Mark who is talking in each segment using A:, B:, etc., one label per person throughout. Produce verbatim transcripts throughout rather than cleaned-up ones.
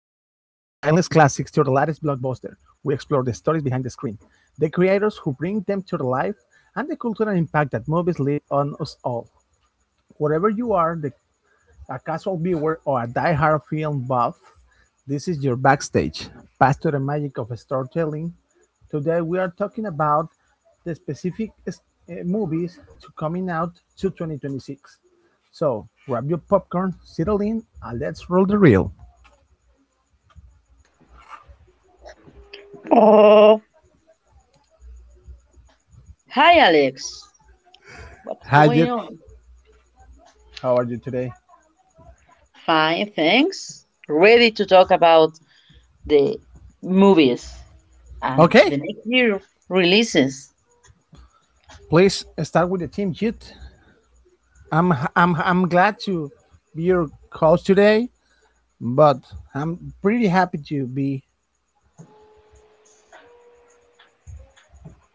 A: to the latest blockbuster. We explore the stories behind the screen, the creators who bring them to life, and the cultural impact that movies leave on us all. Wherever you are, the a casual viewer or a die-hard film buff, this is your backstage. Pass to the magic of storytelling. Today we are talking about the specific s- eh, movies to coming out to twenty twenty-six. So grab your popcorn, settle in, and let's roll the reel.
B: Oh, hi Alex. What's
A: Hi,
B: going
A: Jit.
B: on?
A: How are you today?
B: Fine, thanks. Ready to talk about the movies and the
A: Okay,
B: next year releases.
A: please start with the team, Jit. I'm I'm I'm glad to be your host today, but I'm pretty happy to be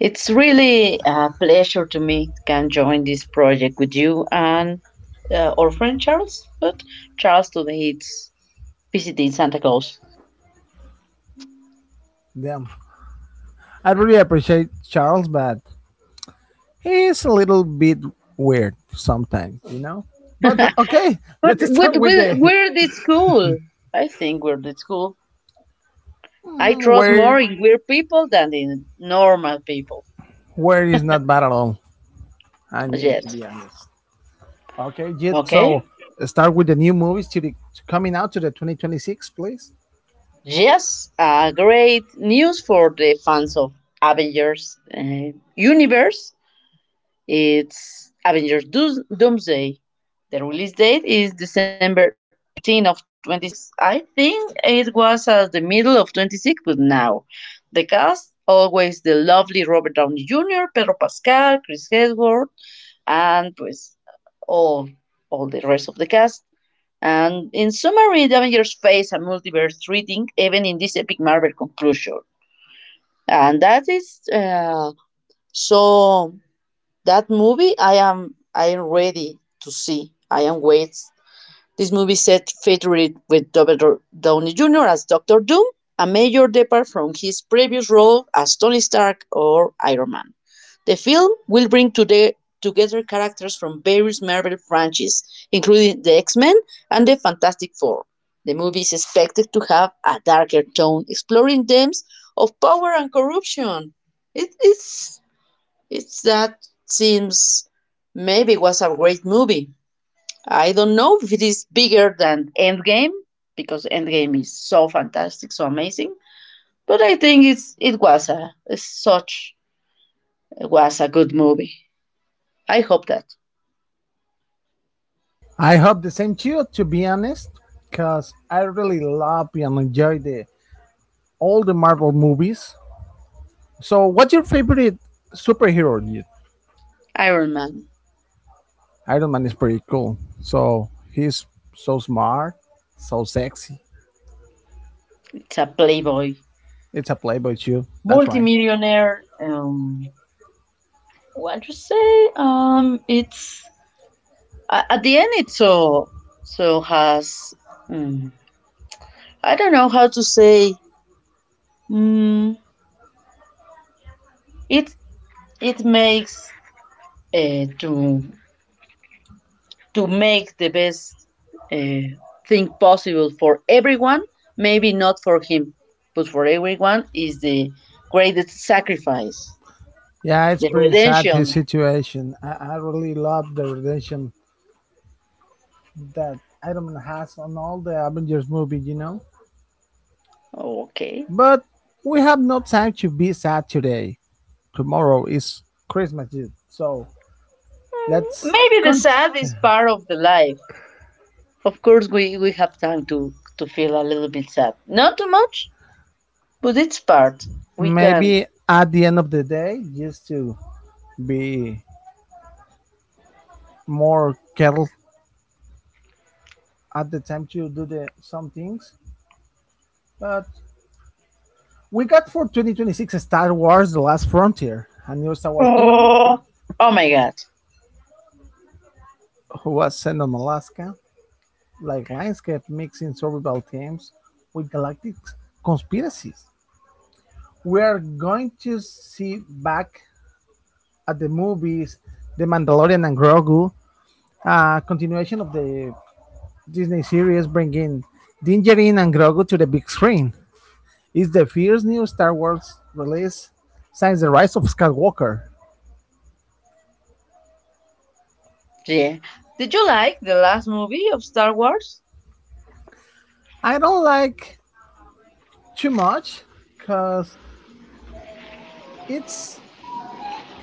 B: It's really a pleasure to me can join this project with you and uh, our friend Charles, but Charles today is visiting Santa Claus.
A: them. I really appreciate Charles, but he's a little bit weird sometimes, you know. But uh, okay,
B: But,
A: let's
B: but
A: start with
B: we're,
A: the
B: we're the school. I think we're the school. I
A: mm,
B: trust more
A: where
B: in weird people than in normal people.
A: where is not bad at all. I need to
B: Yes.
A: be honest. Okay, Jit.
B: Okay.
A: So start with the new movies to the to coming out to the twenty twenty-six, please.
B: Yes, uh, great news for the fans of Avengers uh, universe. It's Avengers Doos- Doomsday. The release date is December eighteenth of twenty-six. I think it was at the middle of twenty-six, but now the cast always the lovely Robert Downey Junior, Pedro Pascal, Chris Hemsworth, and pues all all the rest of the cast. And in summary, the Avengers face a multiverse reading even in this epic Marvel conclusion. And that is uh, so that movie I am I am ready to see. I am wait. This movie set featured with Robert Downey Junior as Doctor Doom, a major depart from his previous role as Tony Stark or Iron Man. The film will bring toge- together characters from various Marvel franchises, including the X-Men and the Fantastic Four. The movie is expected to have a darker tone, exploring themes of power and corruption. It is it's that seems maybe it was a great movie. I don't know if it is bigger than Endgame because Endgame is so fantastic, so amazing. But I think it's it was a such it was a good movie. I hope that.
A: I hope the same too. To be honest, because I really love and enjoy the all the Marvel movies. So, what's your favorite superhero, Jit?
B: Iron Man.
A: Iron Man is pretty cool. So he's so smart, so sexy.
B: It's a playboy,
A: It's a playboy too. That's right.
B: multimillionaire. Um, what you say? Um, it's a- at the end. It so so has. mm, I don't know how to say. Mm, it it makes uh, to to make the best uh, thing possible for everyone. Maybe not for him, but for everyone is the greatest sacrifice,
A: Yeah, it's
B: the
A: pretty sad his
B: redemption.
A: situation. I, I really love the relation that Iron Man has on all the Avengers movie. You know.
B: Oh, okay.
A: But we have no time to be sad today. Tomorrow is Christmas Eve, so let's
B: Maybe the
A: cont-
B: sad is part of the life. Of course, we, we have time to, to feel a little bit sad. Not too much, but it's part. We can.
A: maybe at the end of the day just to be more careful at the time to do the some things. But we got for twenty twenty-six Star Wars The Last Frontier, a new Star Wars film
B: Oh, oh my god.
A: who was set on Alaska, like Lionscape mixing survival themes with galactic conspiracies. We are going to see back at the movies The Mandalorian and Grogu, a continuation of the Disney series bringing Dingerin and Grogu to the big screen. It's the first new Star Wars release since the rise of Skywalker.
B: Yeah. Did you like the last movie of Star Wars?
A: I don't like too much because it's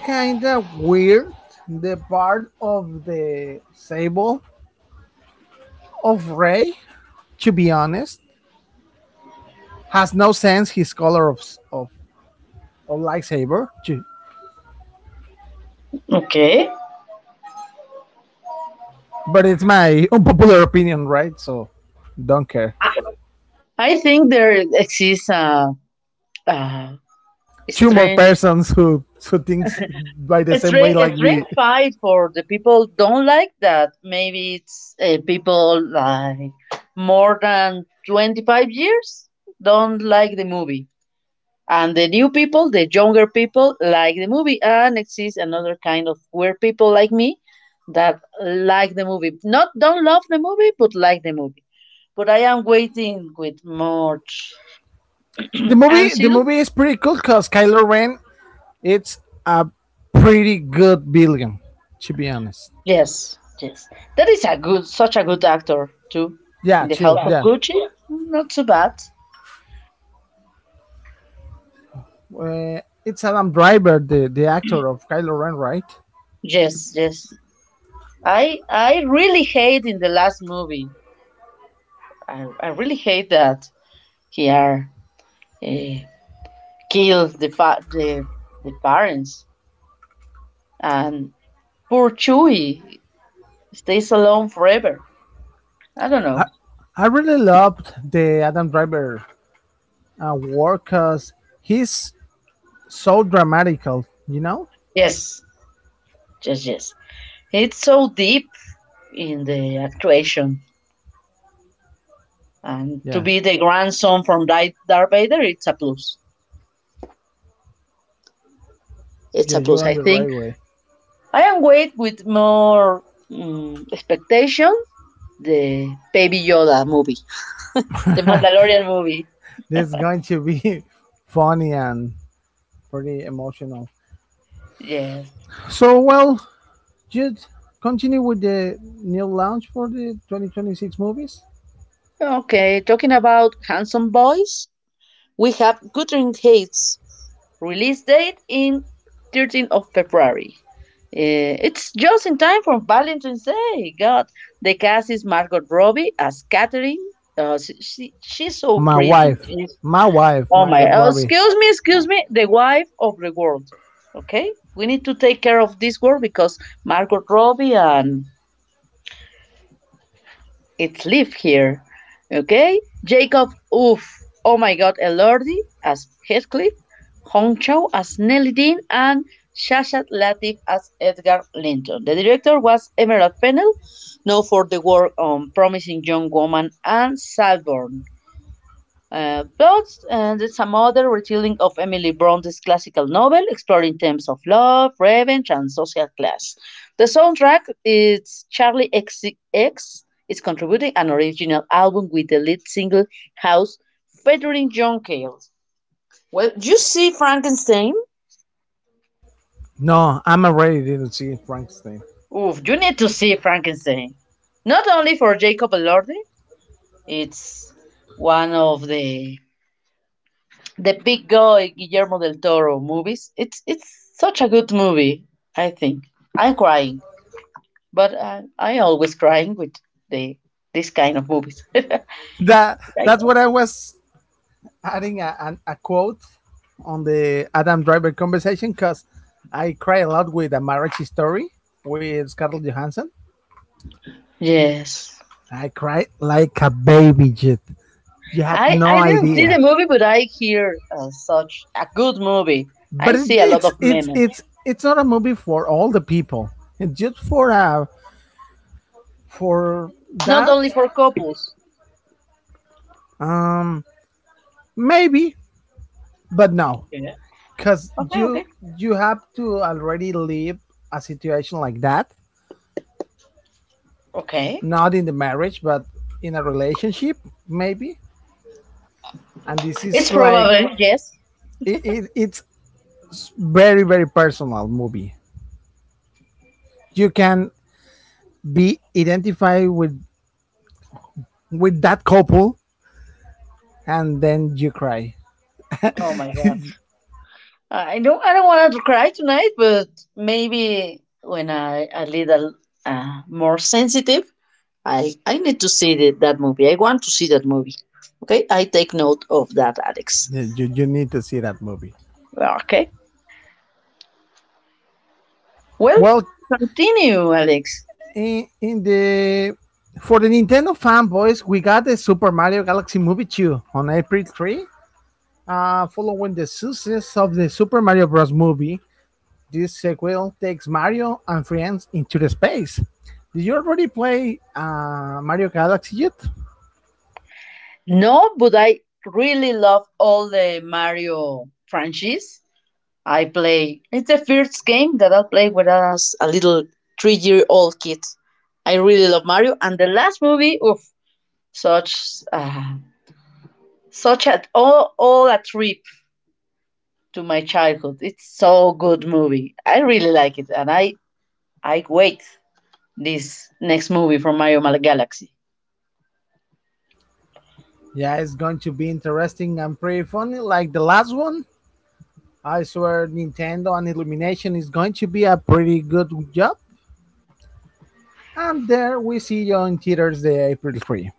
A: kind of weird the part of the sable of Ray. To be honest, has no sense his color of of, of lightsaber. To-
B: Okay.
A: But it's my unpopular opinion, right? So don't care.
B: I think there exists a, a
A: Two more
B: strange
A: persons who who thinks by the same
B: String
A: way like
B: string
A: me.
B: fight for the people don't like that. Maybe it's uh, people like more than twenty-five years don't like the movie. And the new people, the younger people, like the movie. And exists another kind of weird people like me that like the movie. Not don't love the movie, but like the movie. But I am waiting with much
A: The movie the
B: anxiety.
A: movie is pretty cool because Kylo Ren it's a pretty good villain. To be honest,
B: Yes, yes. That is a good, such a good actor too. In
A: yeah,
B: the House
A: true,
B: of
A: yeah.
B: Gucci, not so bad.
A: Uh, it's Adam Driver, the, the actor of Kylo Ren, right?
B: Yes, yes. I I really hate in the last movie. I, I really hate that he are uh, killed the fa- the the parents and poor Chewie stays alone forever. I don't
A: I,
B: know.
A: I really loved the Adam Driver uh, work because he's so dramatical, you know?
B: Yes, yes, yes. It's so deep in the actuation, and to
A: Yeah,
B: be the grandson from Di- Darth Vader, it's a plus. It's
A: yeah,
B: a
A: you're
B: plus,
A: on
B: I
A: the
B: think.
A: right way.
B: I am wait with more mm, expectation the Baby Yoda movie, the Mandalorian movie.
A: This is going to be funny and pretty emotional.
B: Yes.
A: So, well, just continue with the new launch for the twenty twenty-six movies.
B: Okay, talking about handsome boys, we have Guthrie Hates release date in thirteenth of February. Eh, it's just in time for Valentine's Day. God, the cast is Margot Robbie as Catherine. Uh, she, she- she's so
A: My
B: pretty.
A: wife,
B: She's
A: my wife,
B: oh
A: my
B: my,
A: God,
B: oh,
A: Robbie.
B: excuse me, excuse
A: Oh.
B: me, the wife of the world. Okay? We need to take care of this world because Margot Robbie and it live here. Okay? Jacob, oof. Oh my god, Elordi as Heathcliff, Hong Chow as Nelly Dean, and Shashat Latif as Edgar Linton. The director was Emerald Fennell, known for the work on Promising Young Woman and Salborn. uh, plots, and it's a modern retelling of Emily Bronte's classical novel, exploring themes of love, revenge, and social class. The soundtrack is Charlie X C X is contributing an original album with the lead single House featuring John Cale. Well, you see Frankenstein?
A: No, I'm already didn't see Frankenstein.
B: Oof, you need to see Frankenstein. Not only for Jacob Elordi, it's one of the the big guy Guillermo del Toro movies. It's it's such a good movie. I think I'm crying, but I I always crying with the this kind of movies.
A: That
B: right?
A: that's what I was adding a, an a quote on the Adam Driver conversation because I cry a lot with a marriage story with Scarlett Johansson.
B: Yes.
A: I cried like a baby, Jit. You had
B: I
A: no
B: I didn't see the
A: idea.
B: movie, but I hear uh, such a good movie. I
A: But it,
B: see a lot
A: it's
B: of
A: it's
B: memes,
A: it's it's not a movie for all the people. It's just for uh for
B: not
A: that
B: only for couples.
A: um maybe, but no,
B: Yeah.
A: because
B: Okay, okay,
A: you you have to already live a situation like that,
B: okay.
A: not in the marriage but in a relationship maybe, and this is
B: It's
A: like
B: probably yes.
A: it, it, it's very very personal movie. You can be identified with with that couple and then you cry.
B: Oh my god. I don't I don't want to cry tonight, but maybe when I a little uh, more sensitive, I I need to see the, that movie. I want to see that movie. Okay, I take note of that, Alex.
A: you, you, need to see that movie.
B: Okay. Well,
A: Well,
B: continue, Alex.
A: in, in the for the Nintendo fanboys we got the Super Mario Galaxy movie two on april three uh, following the success of the Super Mario Bros movie. This sequel takes Mario and friends into the space. Did you already play uh, Mario Galaxy yet?
B: No, but I really love all the Mario franchise. I play. It's the first game that I played when I was a little three-year-old kid. I really love Mario, and the last movie of such uh, such a all all a trip to my childhood. It's so good movie. I really like it, and I I wait this next movie from Mario Mal- Galaxy.
A: Yeah, it's going to be interesting and pretty funny, like the last one. I swear, Nintendo and Illumination is going to be a pretty good job. And there we see you in theaters the April third.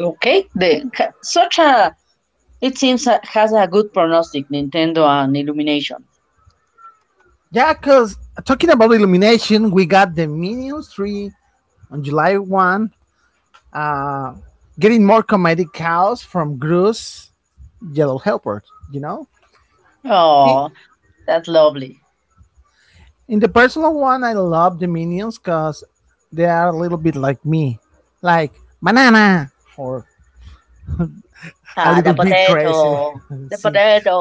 B: Okay, the such a it seems a, has a good prognostic Nintendo and Illumination.
A: Yeah, because talking about Illumination, we got the Minions three on July first. Uh, Getting more comedic chaos from Gru's Yellow Helper, you know? I-
B: Oh, that's lovely.
A: In the personal one, I love the minions because they are a little bit like me, like banana or a
B: Ah, the
A: little bit crazy.
B: potato, the
A: See,
B: potato.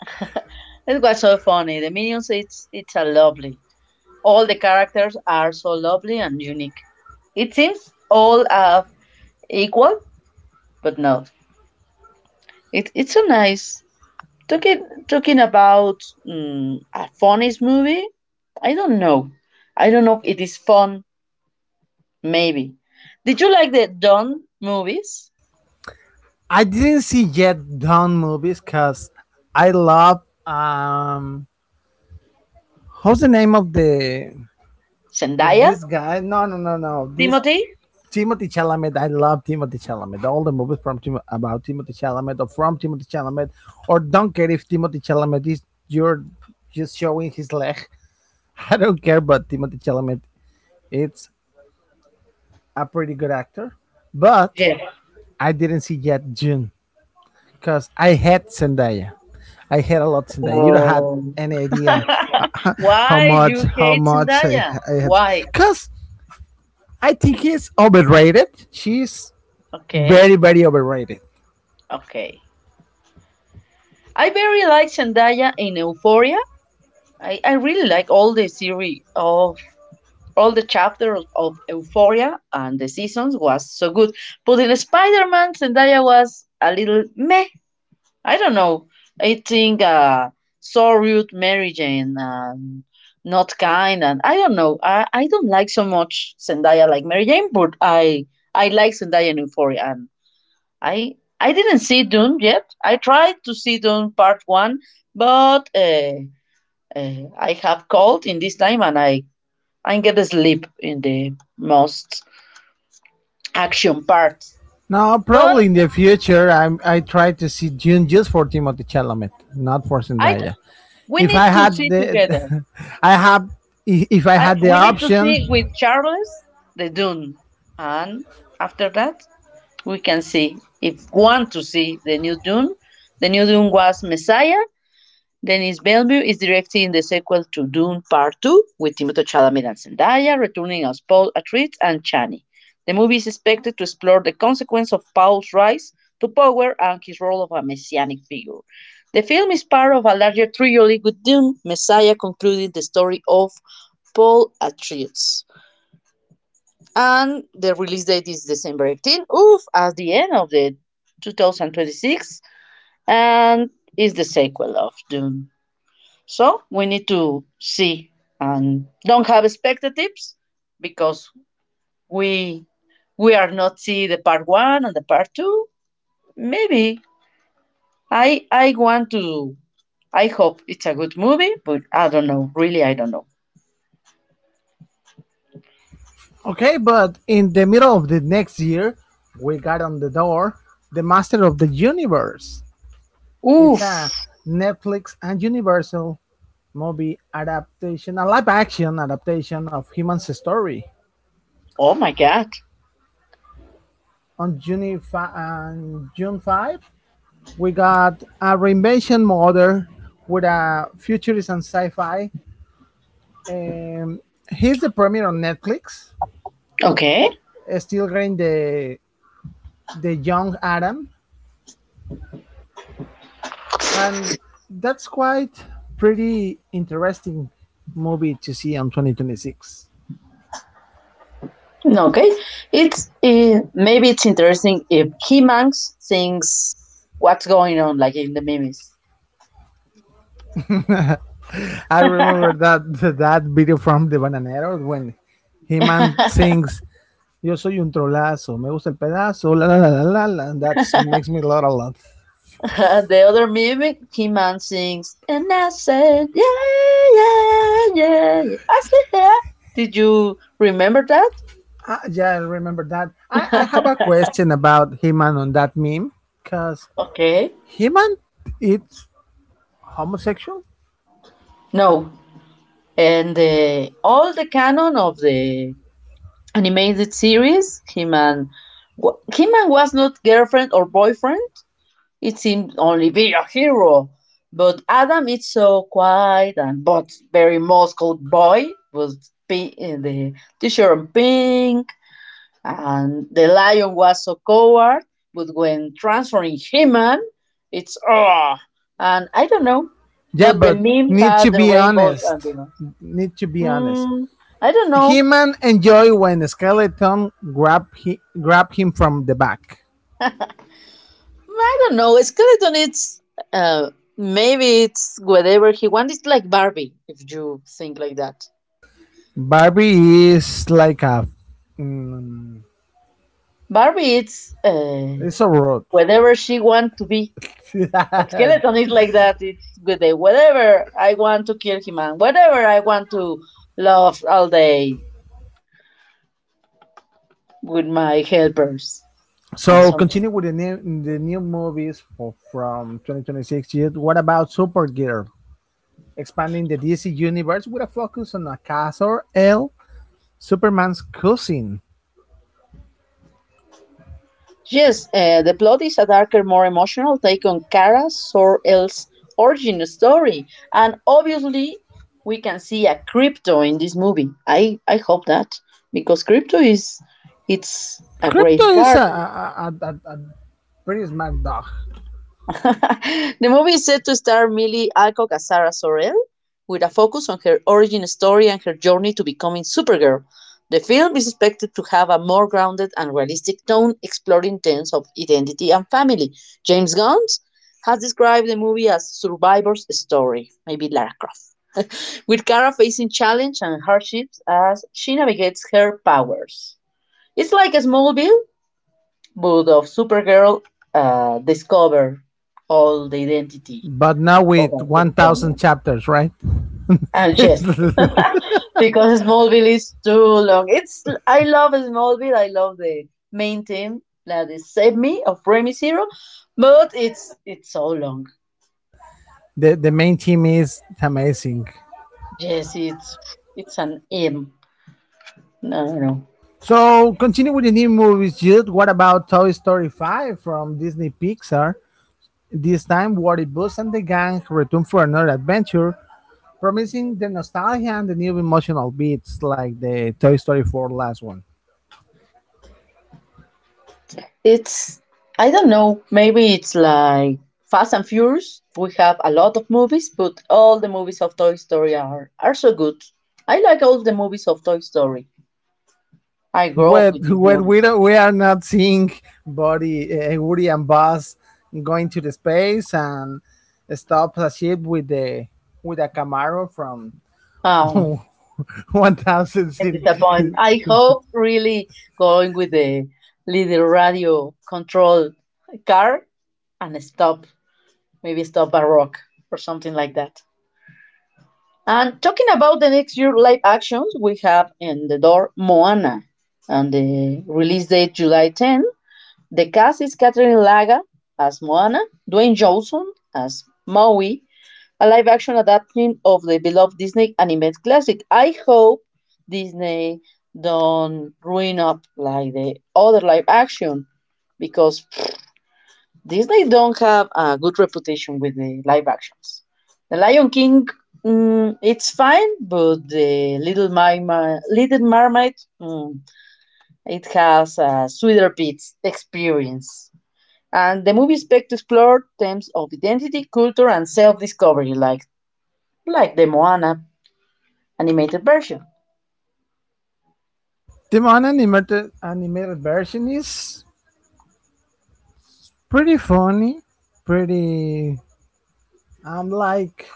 B: It was so funny. The minions, it's it's a lovely. All the characters are so lovely and unique. It seems all a equal, but no. It, it's so nice. Talking talking about mm, a funniest movie, I don't know. I don't know if it is fun. Maybe. Did you like the Don movies?
A: I didn't see yet Dawn movies because I love um what's the name of the of
B: Zendaya,
A: this guy? No, no, no, no. This
B: Timothy.
A: Timothy Chalamet. I love Timothy Chalamet. All the movies from Tim- about Timothy Chalamet or from Timothy Chalamet or don't care if Timothy Chalamet is you're just showing his leg. I don't care about Timothy Chalamet. It's a pretty good actor, but
B: Yeah.
A: I didn't see yet June because I hate Zendaya. I hate a lot Zendaya. You don't have
B: Oh.
A: any idea uh, how
B: Why
A: much
B: you
A: how
B: hate
A: much I,
B: Zendaya?
A: I hate
B: Why?
A: because I think he's overrated. She's
B: Okay.
A: very very overrated.
B: Okay. I very like Zendaya in Euphoria. I, I really like all the series of all the chapters of Euphoria and the seasons was so good. But in Spider-Man, Zendaya was a little meh. I don't know. I think uh, so rude Mary Jane and not kind and I don't know. I, I don't like so much Zendaya like Mary Jane, but I I like Zendaya in Euphoria and I I didn't see Dune yet. I tried to see Dune Part One, but uh, uh, I have cold in this time and I I get sleep in the most action parts.
A: Now
B: But
A: probably in the future I'm I try to see June just for Timothy Chalamet, not for
B: I
A: Zendaya.
B: we
A: If I
B: need to
A: had
B: see together.
A: the I have if I
B: I,
A: had the
B: we need to
A: option.
B: see with Charles the Dune, and after that we can see if want to see the new Dune. The new Dune was Messiah, Denis Villeneuve is directing the sequel to Dune Part two with Timothée Chalamet and Zendaya, returning as Paul Atreides and Chani. The movie is expected to explore the consequence of Paul's rise to power and his role of a messianic figure. The film is part of a larger trilogy with Dune, Messiah concluding the story of Paul Atreides. And the release date is December eighteenth, oof, at the end of the twenty twenty-six, and is the sequel of Dune. So we need to see and don't have expectatives because we we are not see the part one and the part two. Maybe I I want to. I hope it's a good movie, but I don't know. Really, I don't know.
A: Okay, but in the middle of the next year, we got on the door The Master of the Universe. It's
B: Oof!
A: a Netflix and Universal movie adaptation, a live action adaptation of Human's story.
B: Oh my god.
A: On June, fi- on June fifth, we got a reinvention model with a futurist and sci fi. Um, he's the premiere on Netflix,
B: Okay.
A: uh, still getting the, the young Adam, and that's quite pretty interesting movie to see on twenty twenty-six.
B: Okay. It's uh, maybe it's interesting if he mangs thinks what's going on like in the memes.
A: I remember that that video from the Bananeros when he man sings "Yo soy un trolazo, me gusta el pedazo, la la la la la." la. That makes me laugh a lot.
B: the other music, He Man sings, and I said, yeah, yeah, yeah, yeah, I said, yeah. Did you remember that?
A: Uh, yeah, I remember that. I, I have a question about he man on that meme because
B: Okay.
A: he man it's homosexual.
B: No. And the, all the canon of the animated series, He-Man, He-Man was not girlfriend or boyfriend. It seemed only be a hero. But Adam is so quiet and but very muscled boy was pi- uh, the t-shirt pink. And the lion was so coward, but when transforming human, it's oh, and I don't know.
A: Yeah,
B: But the
A: but
B: meme
A: need
B: has
A: to
B: the
A: be
B: rainbow
A: honest.
B: ambulance.
A: Need to be honest.
B: Mm, I don't know.
A: He-Man enjoy when Skeleton grab he, grab him from the back.
B: I don't know. Skeleton, it's uh, maybe it's whatever he wants. It's like Barbie, if you think like that.
A: Barbie is like a mm,
B: Barbie, it's uh,
A: it's a road.
B: whatever she wants to be. A skeleton is like that. It's good day. Whatever I want to kill him and whatever I want to love all day with my helpers and
A: So
B: something.
A: continue with the new the new movies for, from twenty twenty-six years. What about Supergirl? Expanding the D C universe with a focus on Akasor L, Superman's cousin.
B: Yes, uh, the plot is a darker, more emotional take on Kara Sor-El's origin story, and obviously we can see a crypto in this movie. I I hope that because crypto is it's a
A: Crypto
B: great
A: is
B: part.
A: a, a, a, a, a pretty smart dog,
B: the movie is set to star Millie Alcock as Sarah Sorrell, with a focus on her origin story and her journey to becoming Supergirl. The film is expected to have a more grounded and realistic tone, exploring themes of identity and family. James Gunn has described the movie as Survivor's story, maybe Lara Croft, with Kara facing challenge and hardships as she navigates her powers. It's like a Smallville, but of Supergirl, uh, discover all the identity
A: but now
B: of
A: with
B: a
A: one thousand
B: Kryptonian.
A: chapters, right?
B: And yes, because Smallville is too long. It's I love Smallville. I love the main team that is Save Me of Remy Zero, but it's it's so long.
A: the the main team is amazing.
B: Yes, it's it's an M. No, no, no.
A: So continue with the new movies, Jude. What about Toy Story five from Disney Pixar? This time, Woody Buzz and the gang return for another adventure, promising the nostalgia and the new emotional beats like the Toy Story four last one.
B: It's I don't know. Maybe it's like Fast and Furious. We have a lot of movies, but all the movies of Toy Story are are so good. I like all the movies of Toy Story. I grew up
A: When,
B: with these
A: when we,
B: movies.
A: don't, we are not seeing Buddy, uh, Woody and Buzz going to the space and stop a ship with the with a Camaro from
B: Oh,
A: one thousand.
B: I'm disappointed. I hope really going with the little radio control car and stop, maybe stop a rock or something like that. And talking about the next year live actions, we have in the door Moana, and the release date July tenth. The cast is Catherine Laga as Moana, Dwayne Johnson as Maui, a live action adaptation of the beloved Disney animated classic. I hope Disney don't ruin up like the other live action because Disney don't have a good reputation with the live actions. The Lion King, mm, it's fine, but the Little Mermaid, Little Mermaid, mm, it has a sweeter bits experience. And the movie expect to explore themes of identity, culture, and self-discovery, like like the Moana animated version.
A: The unanimated animated version is pretty funny, pretty um like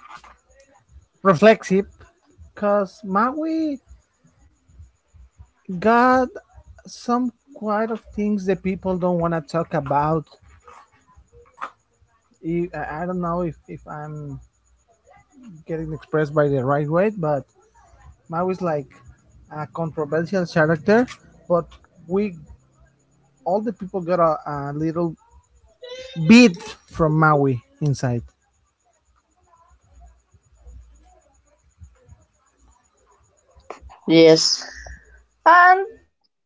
A: reflexive, cause Maui got some quite of things that people don't want to talk about. I I- don't know if, if I'm getting expressed by the right way, but Maui's like a controversial character, but we all the people got a, a little bit from Maui inside.
B: Yes, and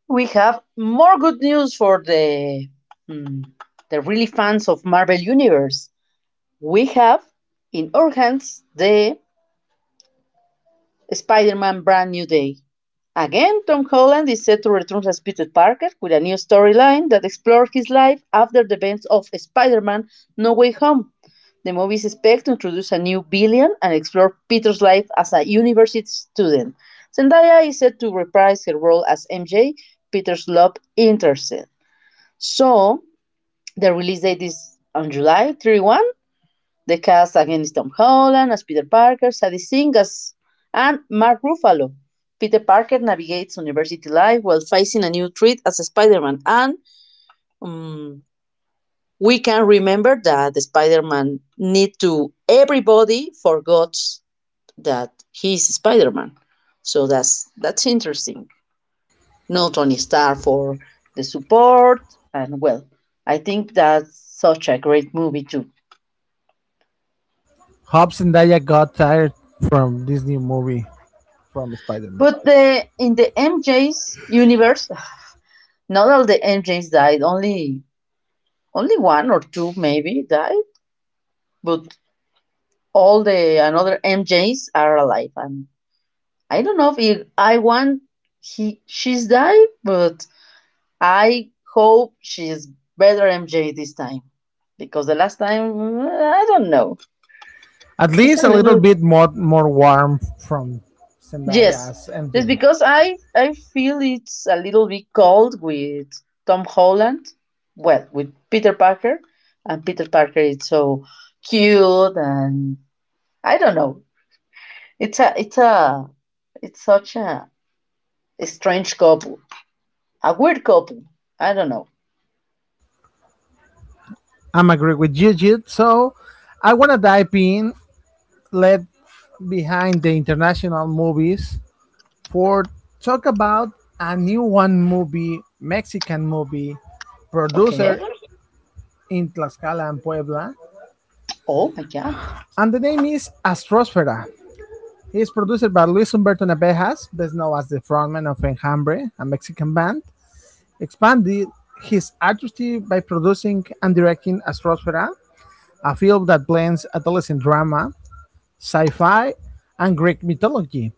B: we have more good news for the mm, the really fans of Marvel Universe. We have in our hands the Spider Man Brand New Day. Again, Tom Holland is set to return as Peter Parker with a new storyline that explores his life after the events of Spider Man No Way Home. The movie is expected to introduce a new villain and explore Peter's life as a university student. Zendaya is set to reprise her role as M J, Peter's love interest. So, the release date is on July thirty-first. The cast against Tom Holland as Peter Parker, Sadie Sink as, and Mark Ruffalo. Peter Parker navigates university life while facing a new threat as Spider-Man, and um, we can remember that Spider-Man need to everybody forgot that he's Spider-Man. So that's that's interesting. No Tony Stark for the support, and well, I think that's such a great movie too.
A: Hobbs and Daya got tired from this new movie from Spider-Man.
B: But the in the M J's universe, not all the engines died. Only only one or two maybe died, but all the another M Js are alive. And I don't know if I want he she's died, but I hope she's better M J this time because the last time I don't know.
A: At
B: It's a
A: least a little
B: little.
A: bit more more warm from Zendaya
B: Yes,
A: as
B: just
A: M J.
B: because I I feel it's a little bit cold with Tom Holland, well, with Peter Parker, and Peter Parker is so cute and I don't know. It's a it's a it's such a strange couple, a weird couple. I don't know.
A: I'm agree with Gigi, so I wanna dive in, let behind the international movies for talk about a new one movie, Mexican movie,
B: Okay.
A: producer in Tlaxcala and Puebla,
B: Oh my god.
A: and the name is Astrosfera. It is produced by Luis Humberto Navejas, best known as the frontman of Enjambre, a Mexican band. Expanded his artistry by producing and directing *Astrosfera*, a film that blends adolescent drama, sci-fi, and Greek mythology.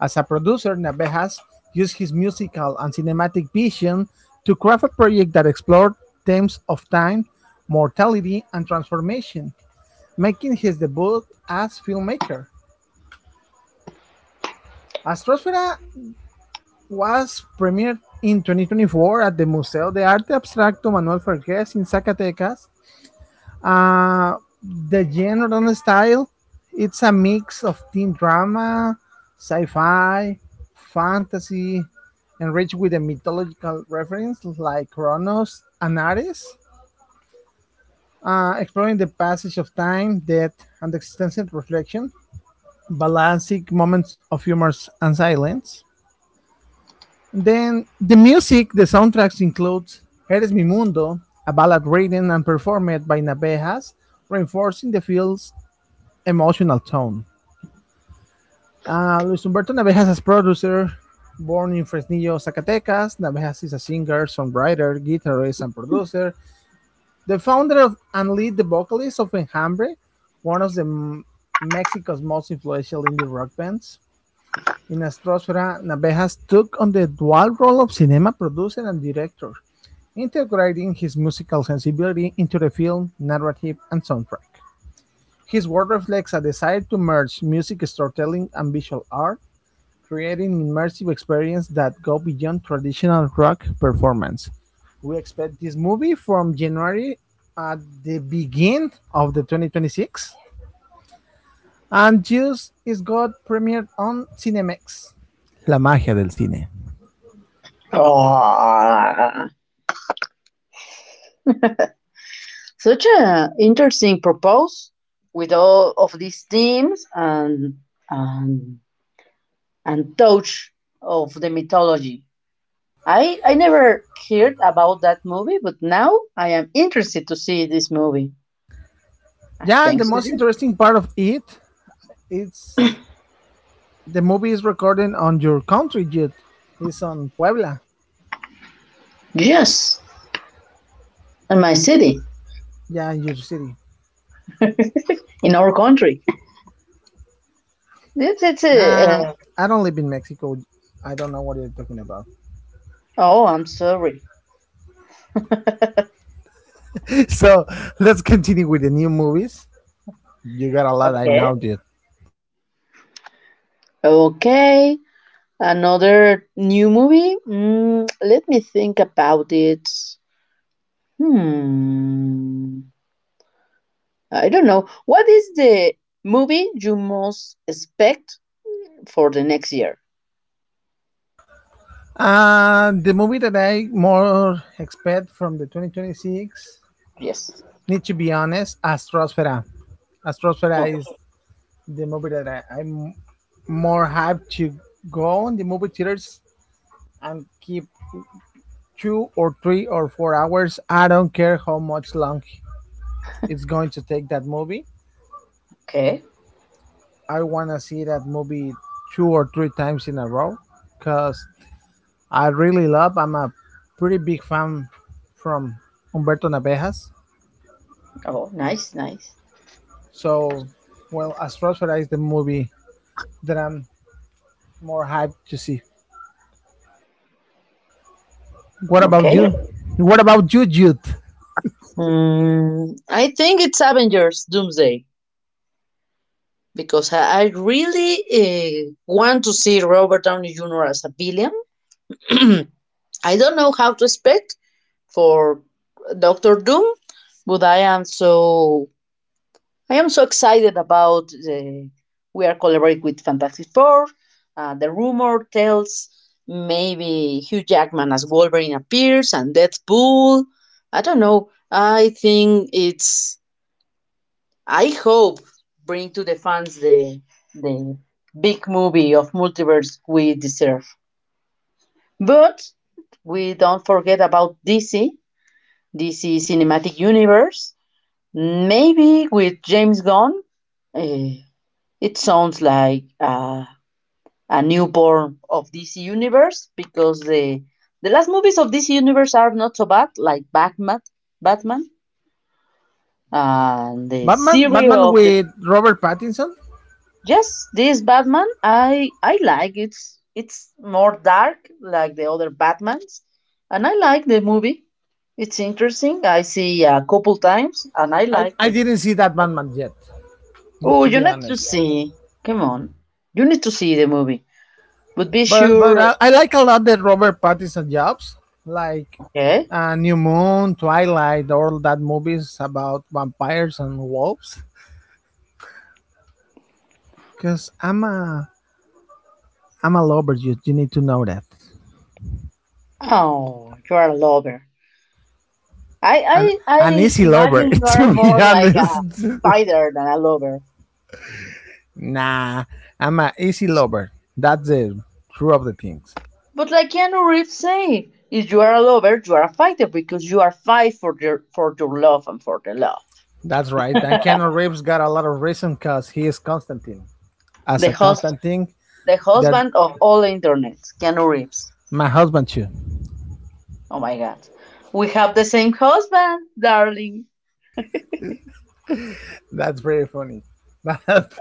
A: As a producer, Navejas used his musical and cinematic vision to craft a project that explored themes of time, mortality, and transformation, making his debut as filmmaker. Astrosfera was premiered in twenty twenty-four at the Museo de Arte Abstracto Manuel Fergues in Zacatecas. Uh, the genre and the style, it's a mix of teen drama, sci-fi, fantasy, enriched with a mythological reference like Kronos and Ares, uh, exploring the passage of time, death, and existential reflection, balancing moments of humor and silence. Then the music, the soundtracks includes Eres mi mundo, a ballad written and performed by Navejas, reinforcing the film's emotional tone. Uh, Luis Humberto Navejas as producer, born in Fresnillo, Zacatecas, Navejas is a singer, songwriter, guitarist, and producer. The founder of and lead the vocalist of Enjambre, one of the M- Mexico's most influential indie rock bands. In Astrosfera, Navejas took on the dual role of cinema producer and director, integrating his musical sensibility into the film, narrative, and soundtrack. His work reflects a desire to merge music storytelling and visual art, creating immersive experiences that go beyond traditional rock performance. We expect this movie from January at the beginning of the twenty twenty-six, and Juice is got premiered on Cinemex. La magia del cine.
B: Ah. Such a interesting proposal with all of these themes and and and touch of the mythology. I, I never heard about that movie, but now I am interested to see this movie. And
A: Yeah, and the
B: thanks to
A: most
B: you.
A: interesting part of it is the movie is recorded on your country, dude. It's on Puebla.
B: Yes, in my city,
A: Yeah, in your city.
B: in our country. It's, it's a,
A: Nah,
B: uh,
A: I don't live in Mexico. I don't know what you're talking about.
B: oh, I'm sorry.
A: so let's continue with the new movies. You got a lot I
B: Okay.
A: know, dude.
B: Okay, another new movie. Mm, let me think about it. Hmm. I don't know. What is the movie you most expect for the next year?
A: Uh, the movie that I more expect from the twenty twenty-six
B: Yes.
A: need to be honest, Astrosfera. Astrosfera
B: No.
A: is the movie that I, I'm more hyped to go in the movie theaters and keep two or three or four hours. I don't care how much long it's going to take that movie.
B: Okay.
A: I want to see that movie two or three times in a row because I really love. I'm a pretty big fan from Humberto Navejas.
B: Oh, nice, nice.
A: So, well, Astrosphere is the movie that I'm more hyped to see. What about
B: Okay.
A: you? What about you, Jude?
B: Mm, I think it's Avengers Doomsday because I I really uh, want to see Robert Downey Junior as a villain. I don't know how to expect for Doctor Doom, but I am so I am so excited about the we are collaborating with Fantastic Four. Uh, the rumor tells maybe Hugh Jackman as Wolverine appears and Deadpool. I don't know. I think it's. I hope bring to the fans the the big movie of multiverse we deserve. But we don't forget about D C, D C Cinematic Universe. Maybe with James Gunn, eh, It sounds like uh, a newborn of D C Universe because the the last movies of D C Universe are not so bad, like Batman, Batman, and the
A: Batman,
B: series
A: Batman
B: of the.
A: with Robert Pattinson.
B: Yes, this Batman I I like it's it's more dark like the other Batmans, and I like the movie. It's interesting. I see a couple times, and I
A: I,
B: liked
A: I
B: it.
A: didn't see that Batman yet. Need
B: Oh,
A: to
B: you
A: be
B: need to
A: honest.
B: see. Come on, you need to see the movie, but be
A: But but
B: sure.
A: I, I like a lot the Robert Pattinson jobs, like
B: Okay.
A: uh, New Moon, Twilight, all that movies about vampires and wolves. Cause I'm a I'm a lover. You you need to know that.
B: Oh, you are a lover. I,
A: An
B: I,
A: an
B: I
A: easy lover,
B: imagine you are
A: to be
B: more like a
A: honest.
B: fighter than a lover.
A: nah, I'm a easy lover. That's the true of the things.
B: But like Keanu Reeves say, if you are a lover, you are a fighter because you are fight for your for your love and for the love.
A: That's right. And Keanu Reeves got a lot of reason cause he is Constantine. As
B: The
A: a
B: host,
A: Constantine,
B: the
A: that
B: husband of all internet, Keanu Reeves.
A: my husband too.
B: Oh my God, we have the same husband, darling.
A: That's very funny. But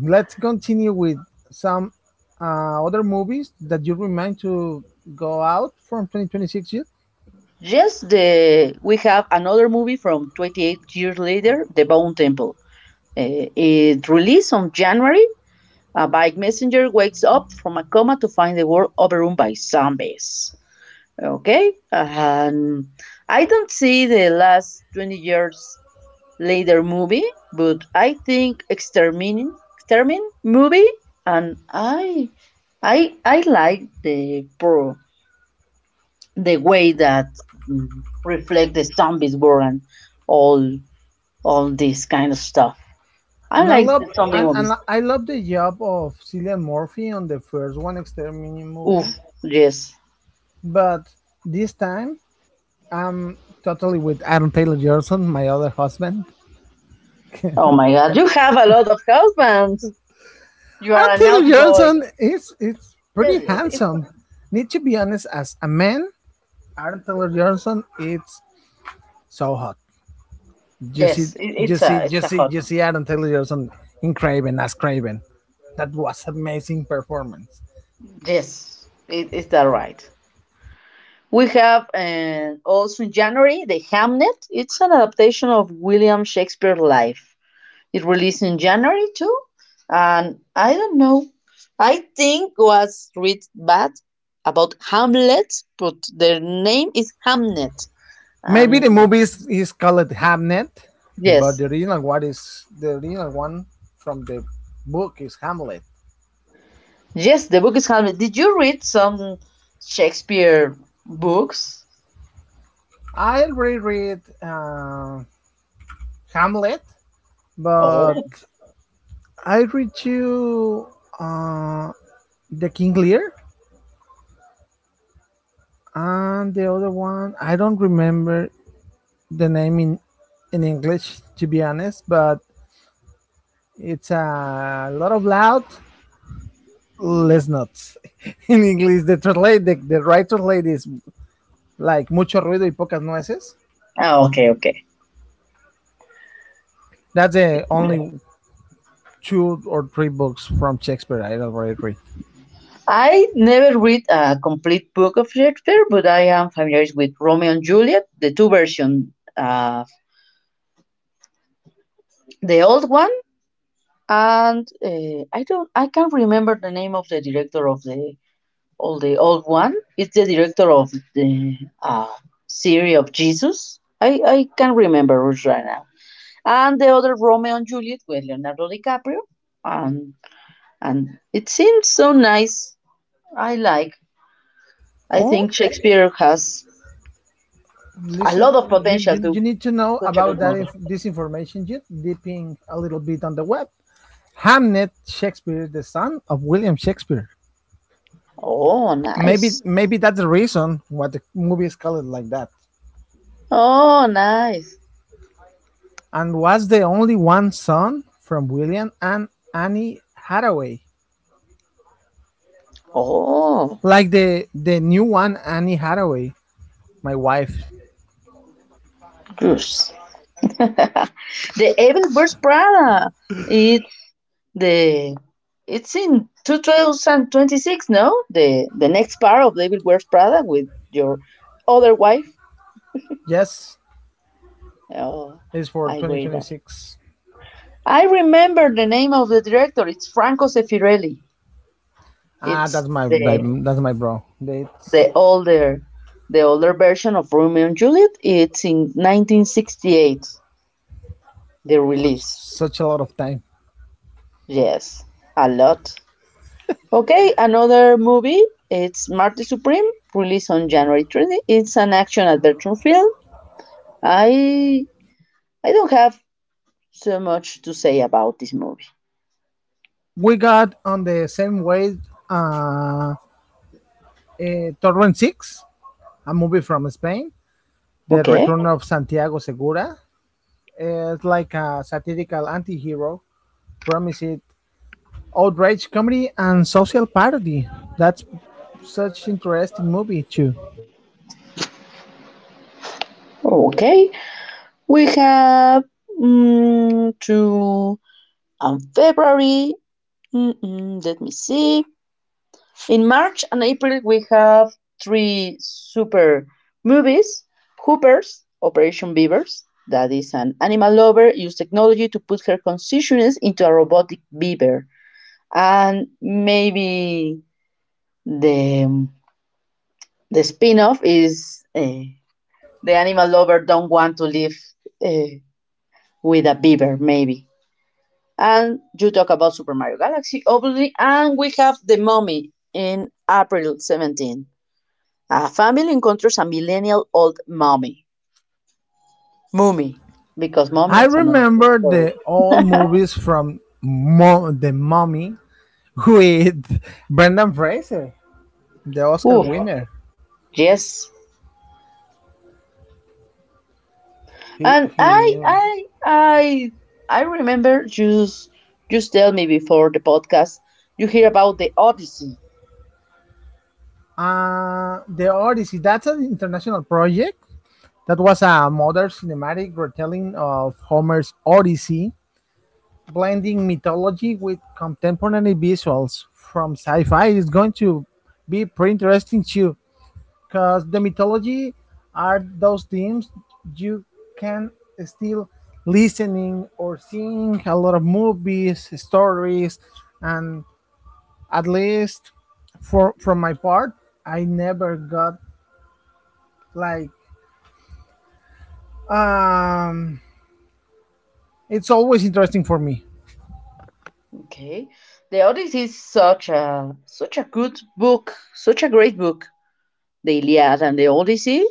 A: let's continue with some uh, other movies that you remind to go out from twenty twenty-six yet.
B: Yes, the we have another movie from twenty-eight years later, The Bone Temple. Uh, it released on January. A bike messenger wakes up from a coma to find the world overrun by zombies. Okay? Um, I don't see the last twenty years later movie, but I think Extermin, Extermin movie, and I, I, I like the pro, the way that mm, reflect the zombies world and all, all this kind of stuff. I
A: And I
B: like
A: love
B: the zombie
A: and, and
B: movies.
A: I love the job of Cillian Murphy on the first one Extermination movie,
B: Oof, yes.
A: but this time I'm totally with Aaron Taylor Johnson, my other husband.
B: Oh my god, you have a lot of husbands. You are
A: Aaron
B: a
A: Taylor
B: naughty boy.
A: Johnson is it's
B: Yes,
A: pretty
B: yes, it's
A: handsome.
B: fine.
A: Need to be honest, as a man, Aaron Taylor Johnson is so hot. You see,
B: Yes, it,
A: you
B: it's a
A: see,
B: it's
A: you
B: a
A: see,
B: hot
A: you
B: one.
A: see Aaron Taylor Johnson in Craven as Craven. That was amazing performance.
B: Yes, it, it's that right. We have uh, also in January the Hamnet. It's an adaptation of William Shakespeare's life. It released in January too, and I don't know. I think was read bad about Hamlet, but their name is Hamnet,
A: Maybe the
B: and
A: movie is, is called Hamnet, but
B: yes.
A: the original one is the original one from the book is Hamlet.
B: Yes, the book is Hamlet. Did you read some Shakespeare books?
A: I reread uh, Hamlet,
B: Oh,
A: but I read you uh, The King Lear and the other one. I don't remember the name in in English to be honest, but it's a lot of loud, less nuts. In English, the translate, the, the right translate is like mucho ruido y pocas nueces.
B: ah, okay, okay.
A: That's the only two or three books from Shakespeare I already read.
B: I never read a complete book of Shakespeare, but I am familiar with Romeo and Juliet, the two versions, uh, the old one, and uh, I don't, I can't remember the name of the director of the all the old one. It's the director of the uh, series of Jesus. I I can't remember right now. And the other Romeo and Juliet with Leonardo DiCaprio. And and it seems so nice. I like. I
A: Oh,
B: think Shakespeare has a
A: listen,
B: lot of
A: you,
B: potential
A: you,
B: to
A: you need to know
B: such a
A: about
B: good
A: that
B: movie.
A: inf- this information just dipping a little bit on the web. Hamnet Shakespeare, the son of William Shakespeare.
B: Oh,
A: Maybe
B: nice.
A: maybe that's the reason why the movie is called like that.
B: Oh, nice.
A: And was the only one son from William and Annie Hathaway.
B: Oh,
A: Like the the new one, Annie Hathaway, my wife.
B: goose. The Evil Burst Prada. It the it's in twenty twenty-six, no? The the next part of The Evil Wears Prada with your other wife.
A: Yes,
B: Oh,
A: is for
B: I wait that.
A: twenty twenty-six.
B: I remember the name of the director. It's Franco Seffirelli.
A: Ah,
B: It's
A: that's my
B: the
A: that's my bro. It's
B: the older the older version of Romeo and Juliet. It's in nineteen sixty-eight the
A: such
B: release.
A: such a lot of time.
B: Yes, a lot. Okay, another movie. It's Marty Supreme, released on January twentieth. It's an action adventure film. I I don't have so much to say about this movie.
A: We got on the same way uh, uh Torrent Six, a movie from Spain. The
B: Okay,
A: Return of Santiago Segura. It's like a satirical anti-hero. Promised outrage comedy and social parody. That's such interesting movie too.
B: okay. We have mm, two and February. Mm-mm, let me see. In March and April, we have three super movies Hoopers, Operation Beavers, that is an animal lover used technology to put her consciousness into a robotic beaver. And maybe the, the spin off is eh, The Animal Lover Don't Want to Live eh, with a Beaver, maybe. And you talk about Super Mario Galaxy, obviously, and we have The Mummy in April seventeenth. A family encounters a millennial old mummy. Mummy, because mummy
A: I
B: is another.
A: remember the old movies from Mo- the Mummy with Brendan Fraser, the Oscar
B: Ooh,
A: winner.
B: yes.
A: He
B: And
A: he.
B: I, I, I, I remember just, just tell me before the podcast. You hear about the Odyssey?
A: Uh, the Odyssey. That's an international project. That was a modern cinematic retelling of Homer's Odyssey blending mythology with contemporary visuals from sci-fi is going to be pretty interesting too because the mythology are those themes you can still listening or seeing a lot of movies stories and at least for from my part I never got like um it's always interesting for me.
B: Okay? The Odyssey is such a, such a good book, such a great book. The Iliad and the Odyssey,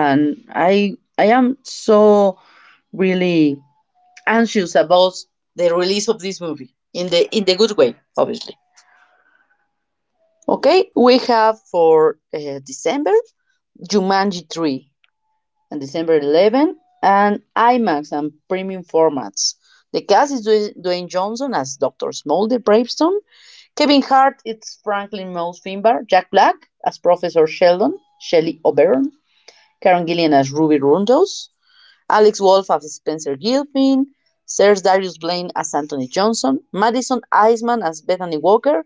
B: and I I am so really anxious about the release of this movie in the in the good way, obviously. Okay, we have for uh, December Jumanji three and December eleventh and IMAX and premium formats. The cast is Dwayne Johnson as Doctor Smolder Bravestone. Kevin Hart it's Franklin Mouse Finbar. Jack Black as Professor Sheldon. Shelley O'Beron. Karen Gillian as Ruby Rundos. Alex Wolff as Spencer Gilpin, Serge Darius Blaine as Anthony Johnson, Madison Eisman as Bethany Walker,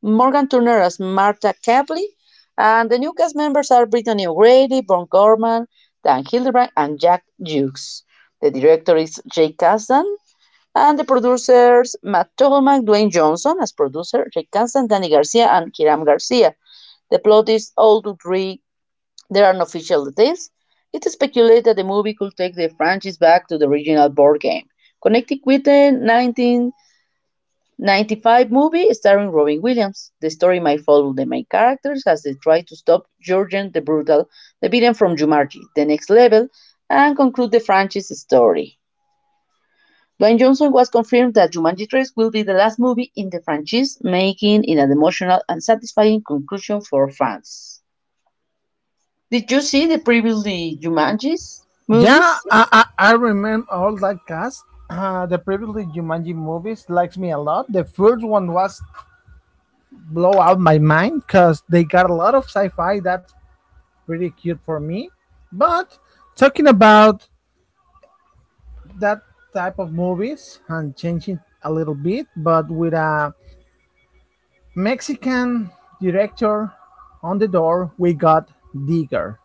B: Morgan Turner as Marta Capley, and the new cast members are Brittany O'Grady, Bon Gorman, Dan Hildebrand, and Jack Jukes. The director is Jay Kasdan, and the producers Matt Togomak, Dwayne Johnson as producer, Jay Kasdan, Danny Garcia, and Hiram Garcia. The plot is all to three there are no official details. It is speculated that the movie could take the franchise back to the original board game, connecting with the nineteen ninety-five movie starring Robin Williams. The story might follow the main characters as they try to stop Jurgen the Brutal, the villain from Jumanji, the next level, and conclude the franchise story. Dwayne Johnson was confirmed that Jumanji three will be the last movie in the franchise, making it an emotional and satisfying conclusion for fans. Did you see the previously Jumanji's
A: Yeah,
B: movies?
A: I, I, I remember all that cast. Uh, the previous Jumanji movies likes me a lot. The first one was blow out my mind because they got a lot of sci-fi. That's pretty cute for me. But talking about that type of movies and changing a little bit, but with a Mexican director on the door, we got Digger.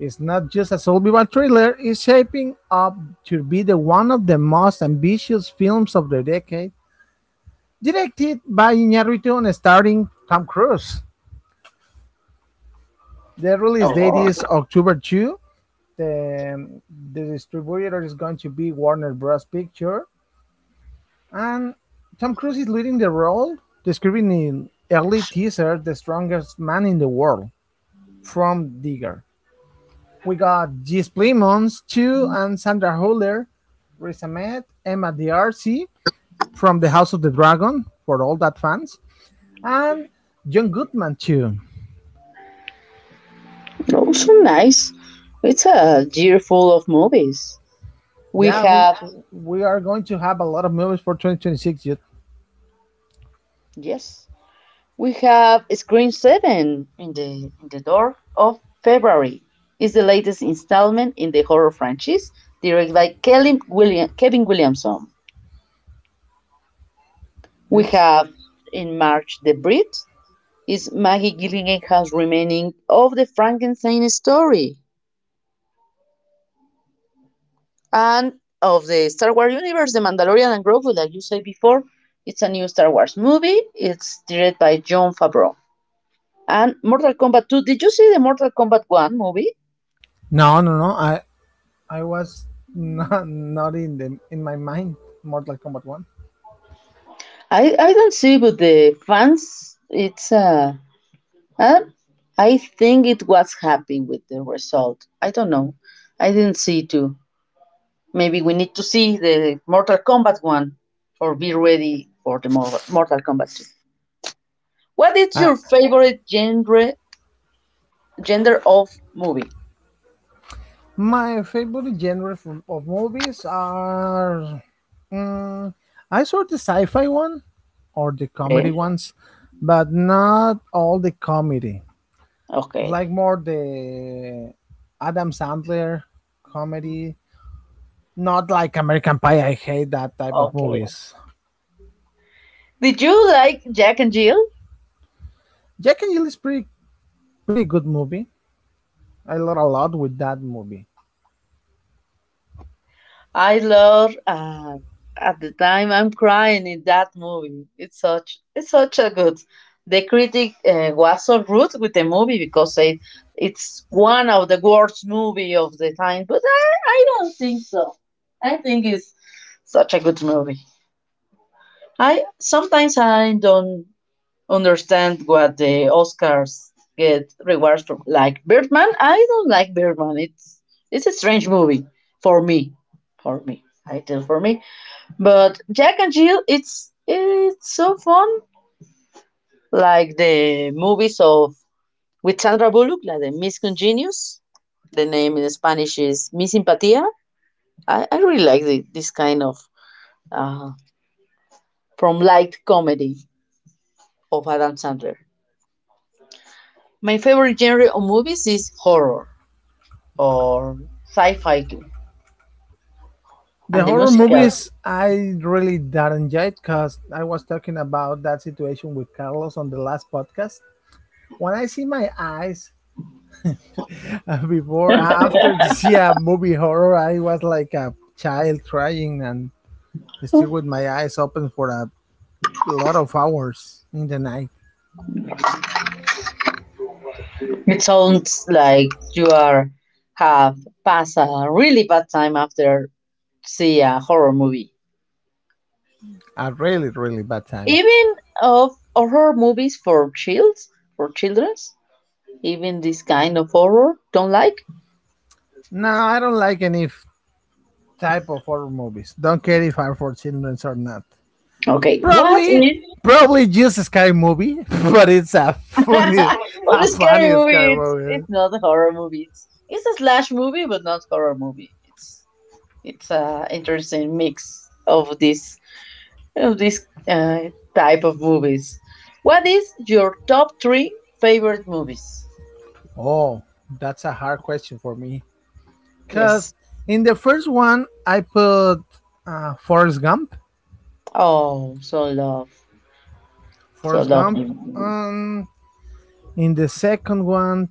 A: It's not just a survival thriller, it's shaping up to be the one of the most ambitious films of the decade. Directed by Iñárritu and starring Tom Cruise. The release date is October second. The, the distributor is going to be Warner Bros. Pictures, and Tom Cruise is leading the role, describing in early teaser the strongest man in the world from Digger. We got Gis Plimons, too, and Sandra Huller, Riz Ahmed, Emma D'Arcy from the House of the Dragon for all that fans, and John Goodman, too.
B: Oh, so nice. It's a year full of movies. We
A: Yeah, we
B: have,
A: we are going to have a lot of movies for twenty twenty-six yet.
B: yes, we have Screen seven in the, in the door of February. It's the latest installment in the horror franchise, directed by Kevin William, Kevin Williamson. We
A: Let's
B: have in March The Brit. It's Maggie Gyllenhaal's remaining of the Frankenstein story. And of the Star Wars universe, The Mandalorian and Grogu, like you said before. It's a new Star Wars movie. It's directed by Jon Favreau. And Mortal Kombat two. Did you see the Mortal Kombat one movie?
A: no, no, no. I I was not not in the in my mind. Mortal Kombat One.
B: I, I don't see, but the fans, it's uh, uh, I think it was happy with the result. I don't know. I didn't see too. Maybe we need to see the Mortal Kombat one or be ready for the Mor- Mortal Kombat two. What is
A: Uh,
B: your favorite genre? Gender of movie.
A: my favorite genre of movies are Mm, I saw the sci-fi one or the comedy
B: Okay.
A: ones, but not all the comedy.
B: Okay.
A: Like more the Adam Sandler comedy, not like American Pie. I hate that type of
B: Okay.
A: movies.
B: Did you like Jack and Jill?
A: Jack and Jill is pretty pretty good movie. I learned a lot with that movie.
B: I love. Uh, at the time, I'm crying in that movie. It's such. It's such a good. The critic uh, was so rude with the movie because it, it's one of the worst movie of the time. But I, I don't think so. I think it's such a good movie. I sometimes I don't understand what the Oscars get rewards for. Like Birdman, I don't like Birdman. It's it's a strange movie for me, for me. I tell for me. But Jack and Jill, it's it's so fun. Like the movies of with Sandra Bullock, like the Miss Congenius. The name in Spanish is Miss Simpatía. I, I really like the, this kind of uh, from light comedy of Adam Sandler. My favorite genre of movies is horror, or sci-fi too.
A: The
B: And the
A: horror
B: musical,
A: movies I really don't enjoy it because I was talking about that situation with Carlos on the last podcast. When I see my eyes uh, before uh, after to see a movie horror I was like a child crying and still with my eyes open for a lot of hours in the night.
B: it sounds like you are have passed a really bad time after see a horror movie.
A: A really really bad time.
B: Even of horror movies for childs, for childrens, even this kind of horror don't like.
A: No, I don't like any f- type of horror movies, don't care if are for children or not.
B: Okay, what is
A: probably probably just a scary movie but it's a funny
B: what a
A: a
B: scary
A: funny
B: movie?
A: scary
B: It's
A: movie.
B: it's not a horror movie. It's it's a slash movie, but not horror movie. It's it's a interesting mix of these of this uh, type of movies. What is your top three favorite movies?
A: Oh, that's a hard question for me because
B: Yes.
A: in the first one I put uh, Forrest Gump.
B: Oh, so love, so
A: Forrest Gump.
B: lovely.
A: Um, in the second one,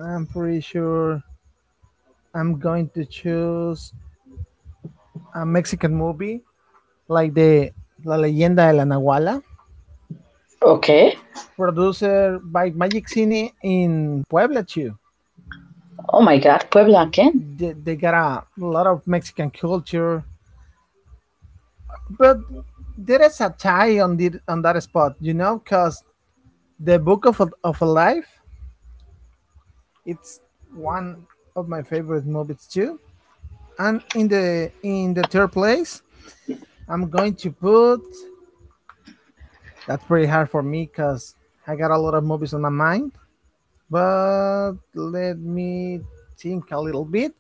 A: I'm pretty sure I'm going to choose a Mexican movie like the La Leyenda de la Nahuala,
B: Okay.
A: produced by Magic Cine in Puebla too.
B: Oh my God, Puebla again.
A: They, they got a lot of Mexican culture, but there is a tie on the on that spot, you know, because the Book of a, of a Life, it's one of my favorite movies too. And in the in the third place, I'm going to put. That's pretty hard for me because I got a lot of movies on my mind. But let me think a little bit.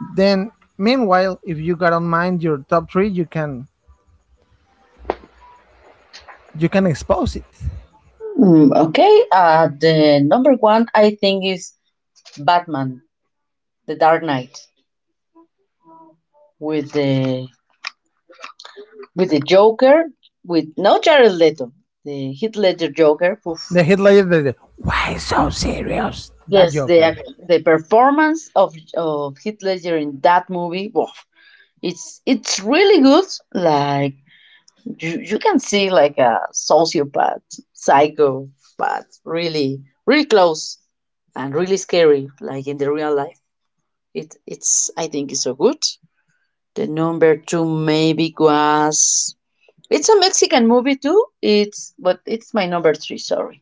A: Then, meanwhile, if you got on mind your top three, you can you can expose it.
B: Mm, okay. Uh, the number one I think is Batman, The Dark Knight, with the with the Joker, with no Jared Leto, the Heath Ledger Joker. Oof.
A: The headliner, the, the why so serious? That
B: Yes, the
A: Joker.
B: the performance of of Heath Ledger in that movie. Woof. it's it's really good, like you, you can see like a sociopath psychopath really really close and really scary like in the real life. It it's I think it's so good. The number two maybe was, it's a Mexican movie too, it's but it's my number three, sorry.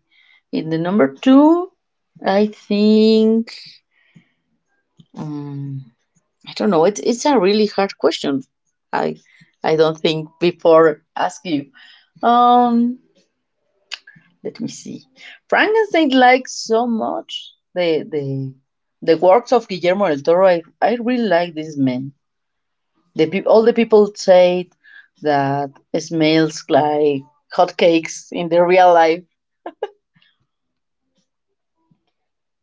B: In the number two I think um, I don't know, it's, it's a really hard question. i i don't think before ask you. Um, Let me see. Frankenstein like so much the the the works of Guillermo del Toro. I, I really like this man. The peop all the people say that it smells like hotcakes in the real life,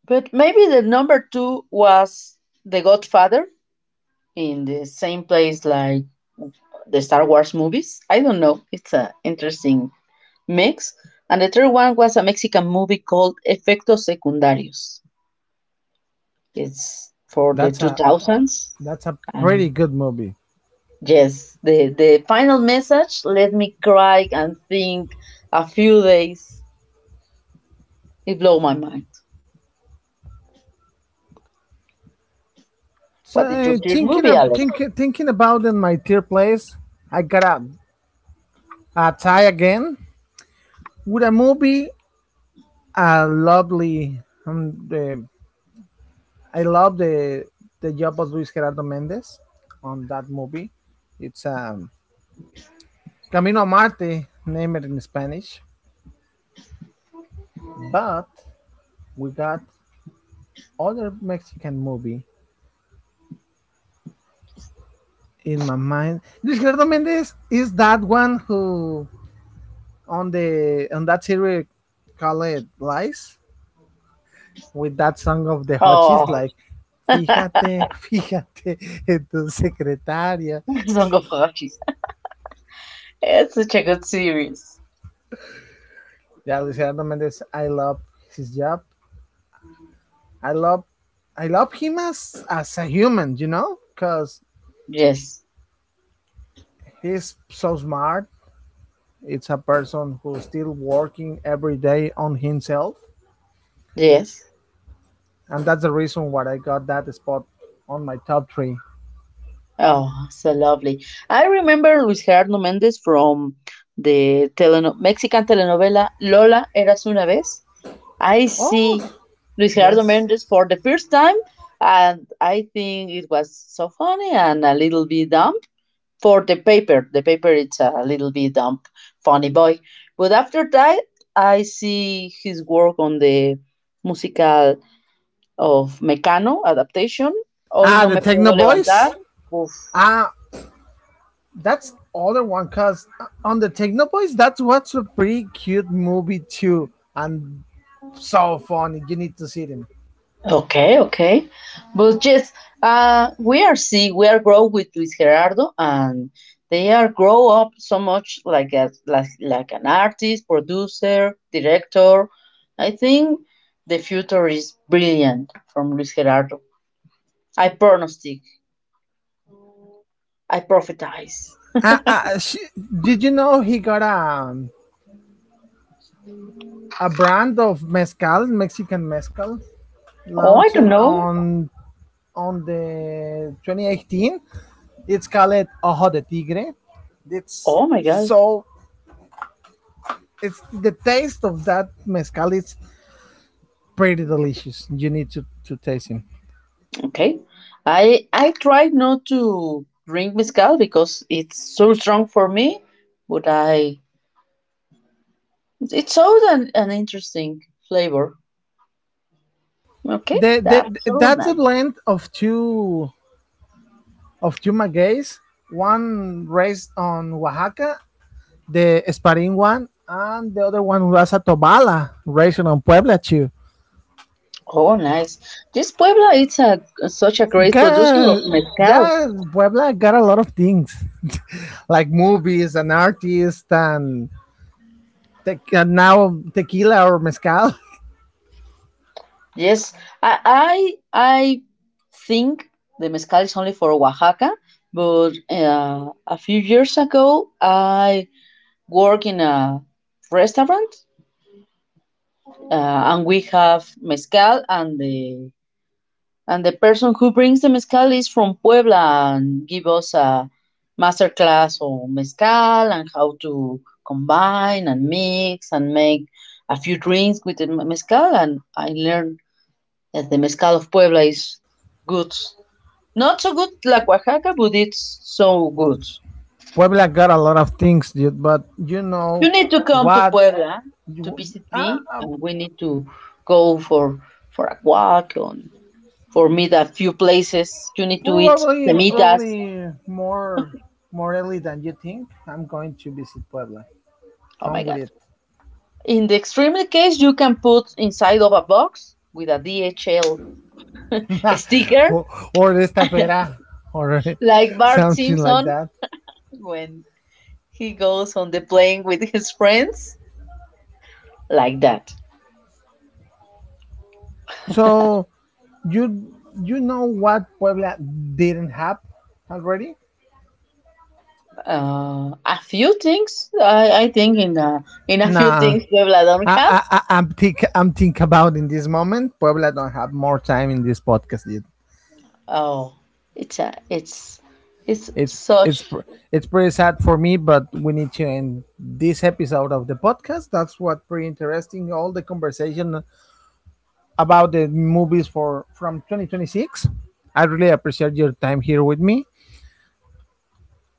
B: but maybe the number two was The Godfather in the same place like the Star Wars movies. I don't know. It's an interesting mix. And the third one was a Mexican movie called Efectos Secundarios. It's for the
A: That's a
B: two thousands.
A: that's a
B: And
A: pretty good movie.
B: yes, the, the final message let me cry and think a few days. It blew my mind.
A: So
B: What did your
A: uh,
B: third
A: thinking
B: movie,
A: of
B: Alex?
A: think, thinking about in my tier place, I got a, a tie again with a movie a lovely. Um, the, I love the the job of Luis Gerardo Mendez on that movie. It's um, Camino a Marte, name it in Spanish. But we got other Mexican movie in my mind. Luis Gerardo Mendez is that one who on the on that series call it Lies with that song of the Hotchis
B: Oh,
A: like Fíjate, fíjate en tu secretaria.
B: Song of Achilles. It's such a good series.
A: Yeah, Luis Gerardo Mendez, I love his job. I love, I love him as as a human, you know, because
B: Yes,
A: he's so smart. It's a person who's still working every day on himself,
B: yes.
A: and that's the reason why I got that spot on my top three.
B: Oh, so lovely. I remember Luis Gerardo Mendez from the teleno- Mexican telenovela Lola Eras Una Vez. I see
A: Oh,
B: Luis Gerardo
A: yes.
B: Mendez for the first time, and I think it was so funny and a little bit dumb for the paper. The paper it's a little bit dumb, funny boy. But after that, I see his work on the musical of Mecano adaptation. Hoy
A: Ah,
B: no
A: the
B: me
A: Techno
B: puedo
A: Boys.
B: levantar. Uf.
A: Ah, that's other one. Cause on the Techno Boys, that's what's a pretty cute movie too, and so funny. You need to see them.
B: Okay, okay. But yes, uh, we are seeing, we are grow with Luis Gerardo and they are grow up so much like a, like, like an artist, producer, director. I think the future is brilliant from Luis Gerardo. I pronostic, I prophetize.
A: Uh, uh, she, did you know he got a a brand of mezcal, Mexican mezcal,
B: Oh, I
A: launched
B: don't know.
A: on on the twenty eighteen. It's called Ojo de Tigre. It's
B: Oh my God.
A: so it's the taste of that mezcal is pretty delicious. You need to, to taste him.
B: Okay. I I try not to drink mezcal because it's so strong for me, but I It shows an, an interesting flavor. Okay,
A: The,
B: that's
A: the,
B: so
A: that's a
B: nice.
A: blend of two of two magueys, one raised on Oaxaca the sparring one, and the other one was a Tobala racing on Puebla too.
B: Oh, nice. This Puebla is a, such a great producer of
A: God,
B: mezcal.
A: yeah, Puebla got a lot of things like movies and artists and, te- and now tequila or mezcal.
B: Yes, I, I, I think the mezcal is only for Oaxaca, but uh, a few years ago I work in a restaurant uh, and we have mezcal and the And the person who brings the mezcal is from Puebla and give us a master class on mezcal and how to combine and mix and make a few drinks with the mezcal. And I learned that the mezcal of Puebla is good. Not so good like Oaxaca, but it's so good.
A: Puebla got a lot of things, dude. But you know
B: You need to come to
A: what?
B: Puebla to
A: You,
B: visit me,
A: uh,
B: and we need to go for for a walk and for meet a few places. You need to eat
A: probably,
B: semitas.
A: probably more, more early than you think. I'm going to visit Puebla.
B: Oh my
A: Come with
B: God.
A: it.
B: In the extreme case, you can put inside of a box with a D H L sticker,
A: or, or estafera or
B: like Bart
A: something like
B: Simpson
A: that.
B: when he goes on the plane with his friends, like that.
A: So you you know what Puebla didn't have already?
B: Uh, a few things I, I think in a, in a few
A: Nah,
B: things Puebla don't
A: I
B: have.
A: I, I I'm think I'm think about in this moment. Puebla don't have more time in this podcast dude.
B: Oh, it's a, it's it's
A: It's it's
B: such.
A: pr- it's pretty sad for me, but we need to end this episode of the podcast. That's what pretty interesting. All the conversation about the movies for from twenty twenty-six. I really appreciate your time here with me.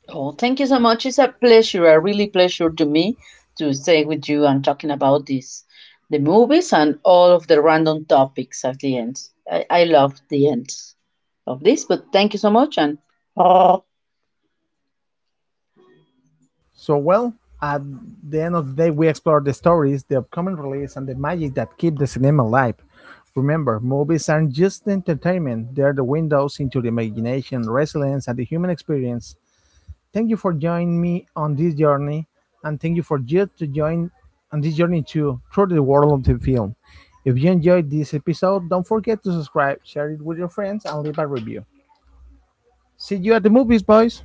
B: Oh, thank you so much. It's a pleasure, a really pleasure to me to stay with you and talking about this, the movies and all of the random topics at the end. I, I love the end of this, but thank you so much and
A: So well, at the end of the day, we explore the stories, the upcoming release, and the magic that keep the cinema alive. Remember, movies aren't just entertainment; they're the windows into the imagination, resilience, and the human experience. Thank you for joining me on this journey, and thank you for you to join on this journey too through the world of the film. If you enjoyed this episode, don't forget to subscribe, share it with your friends, and leave a review. See you at the movies, boys.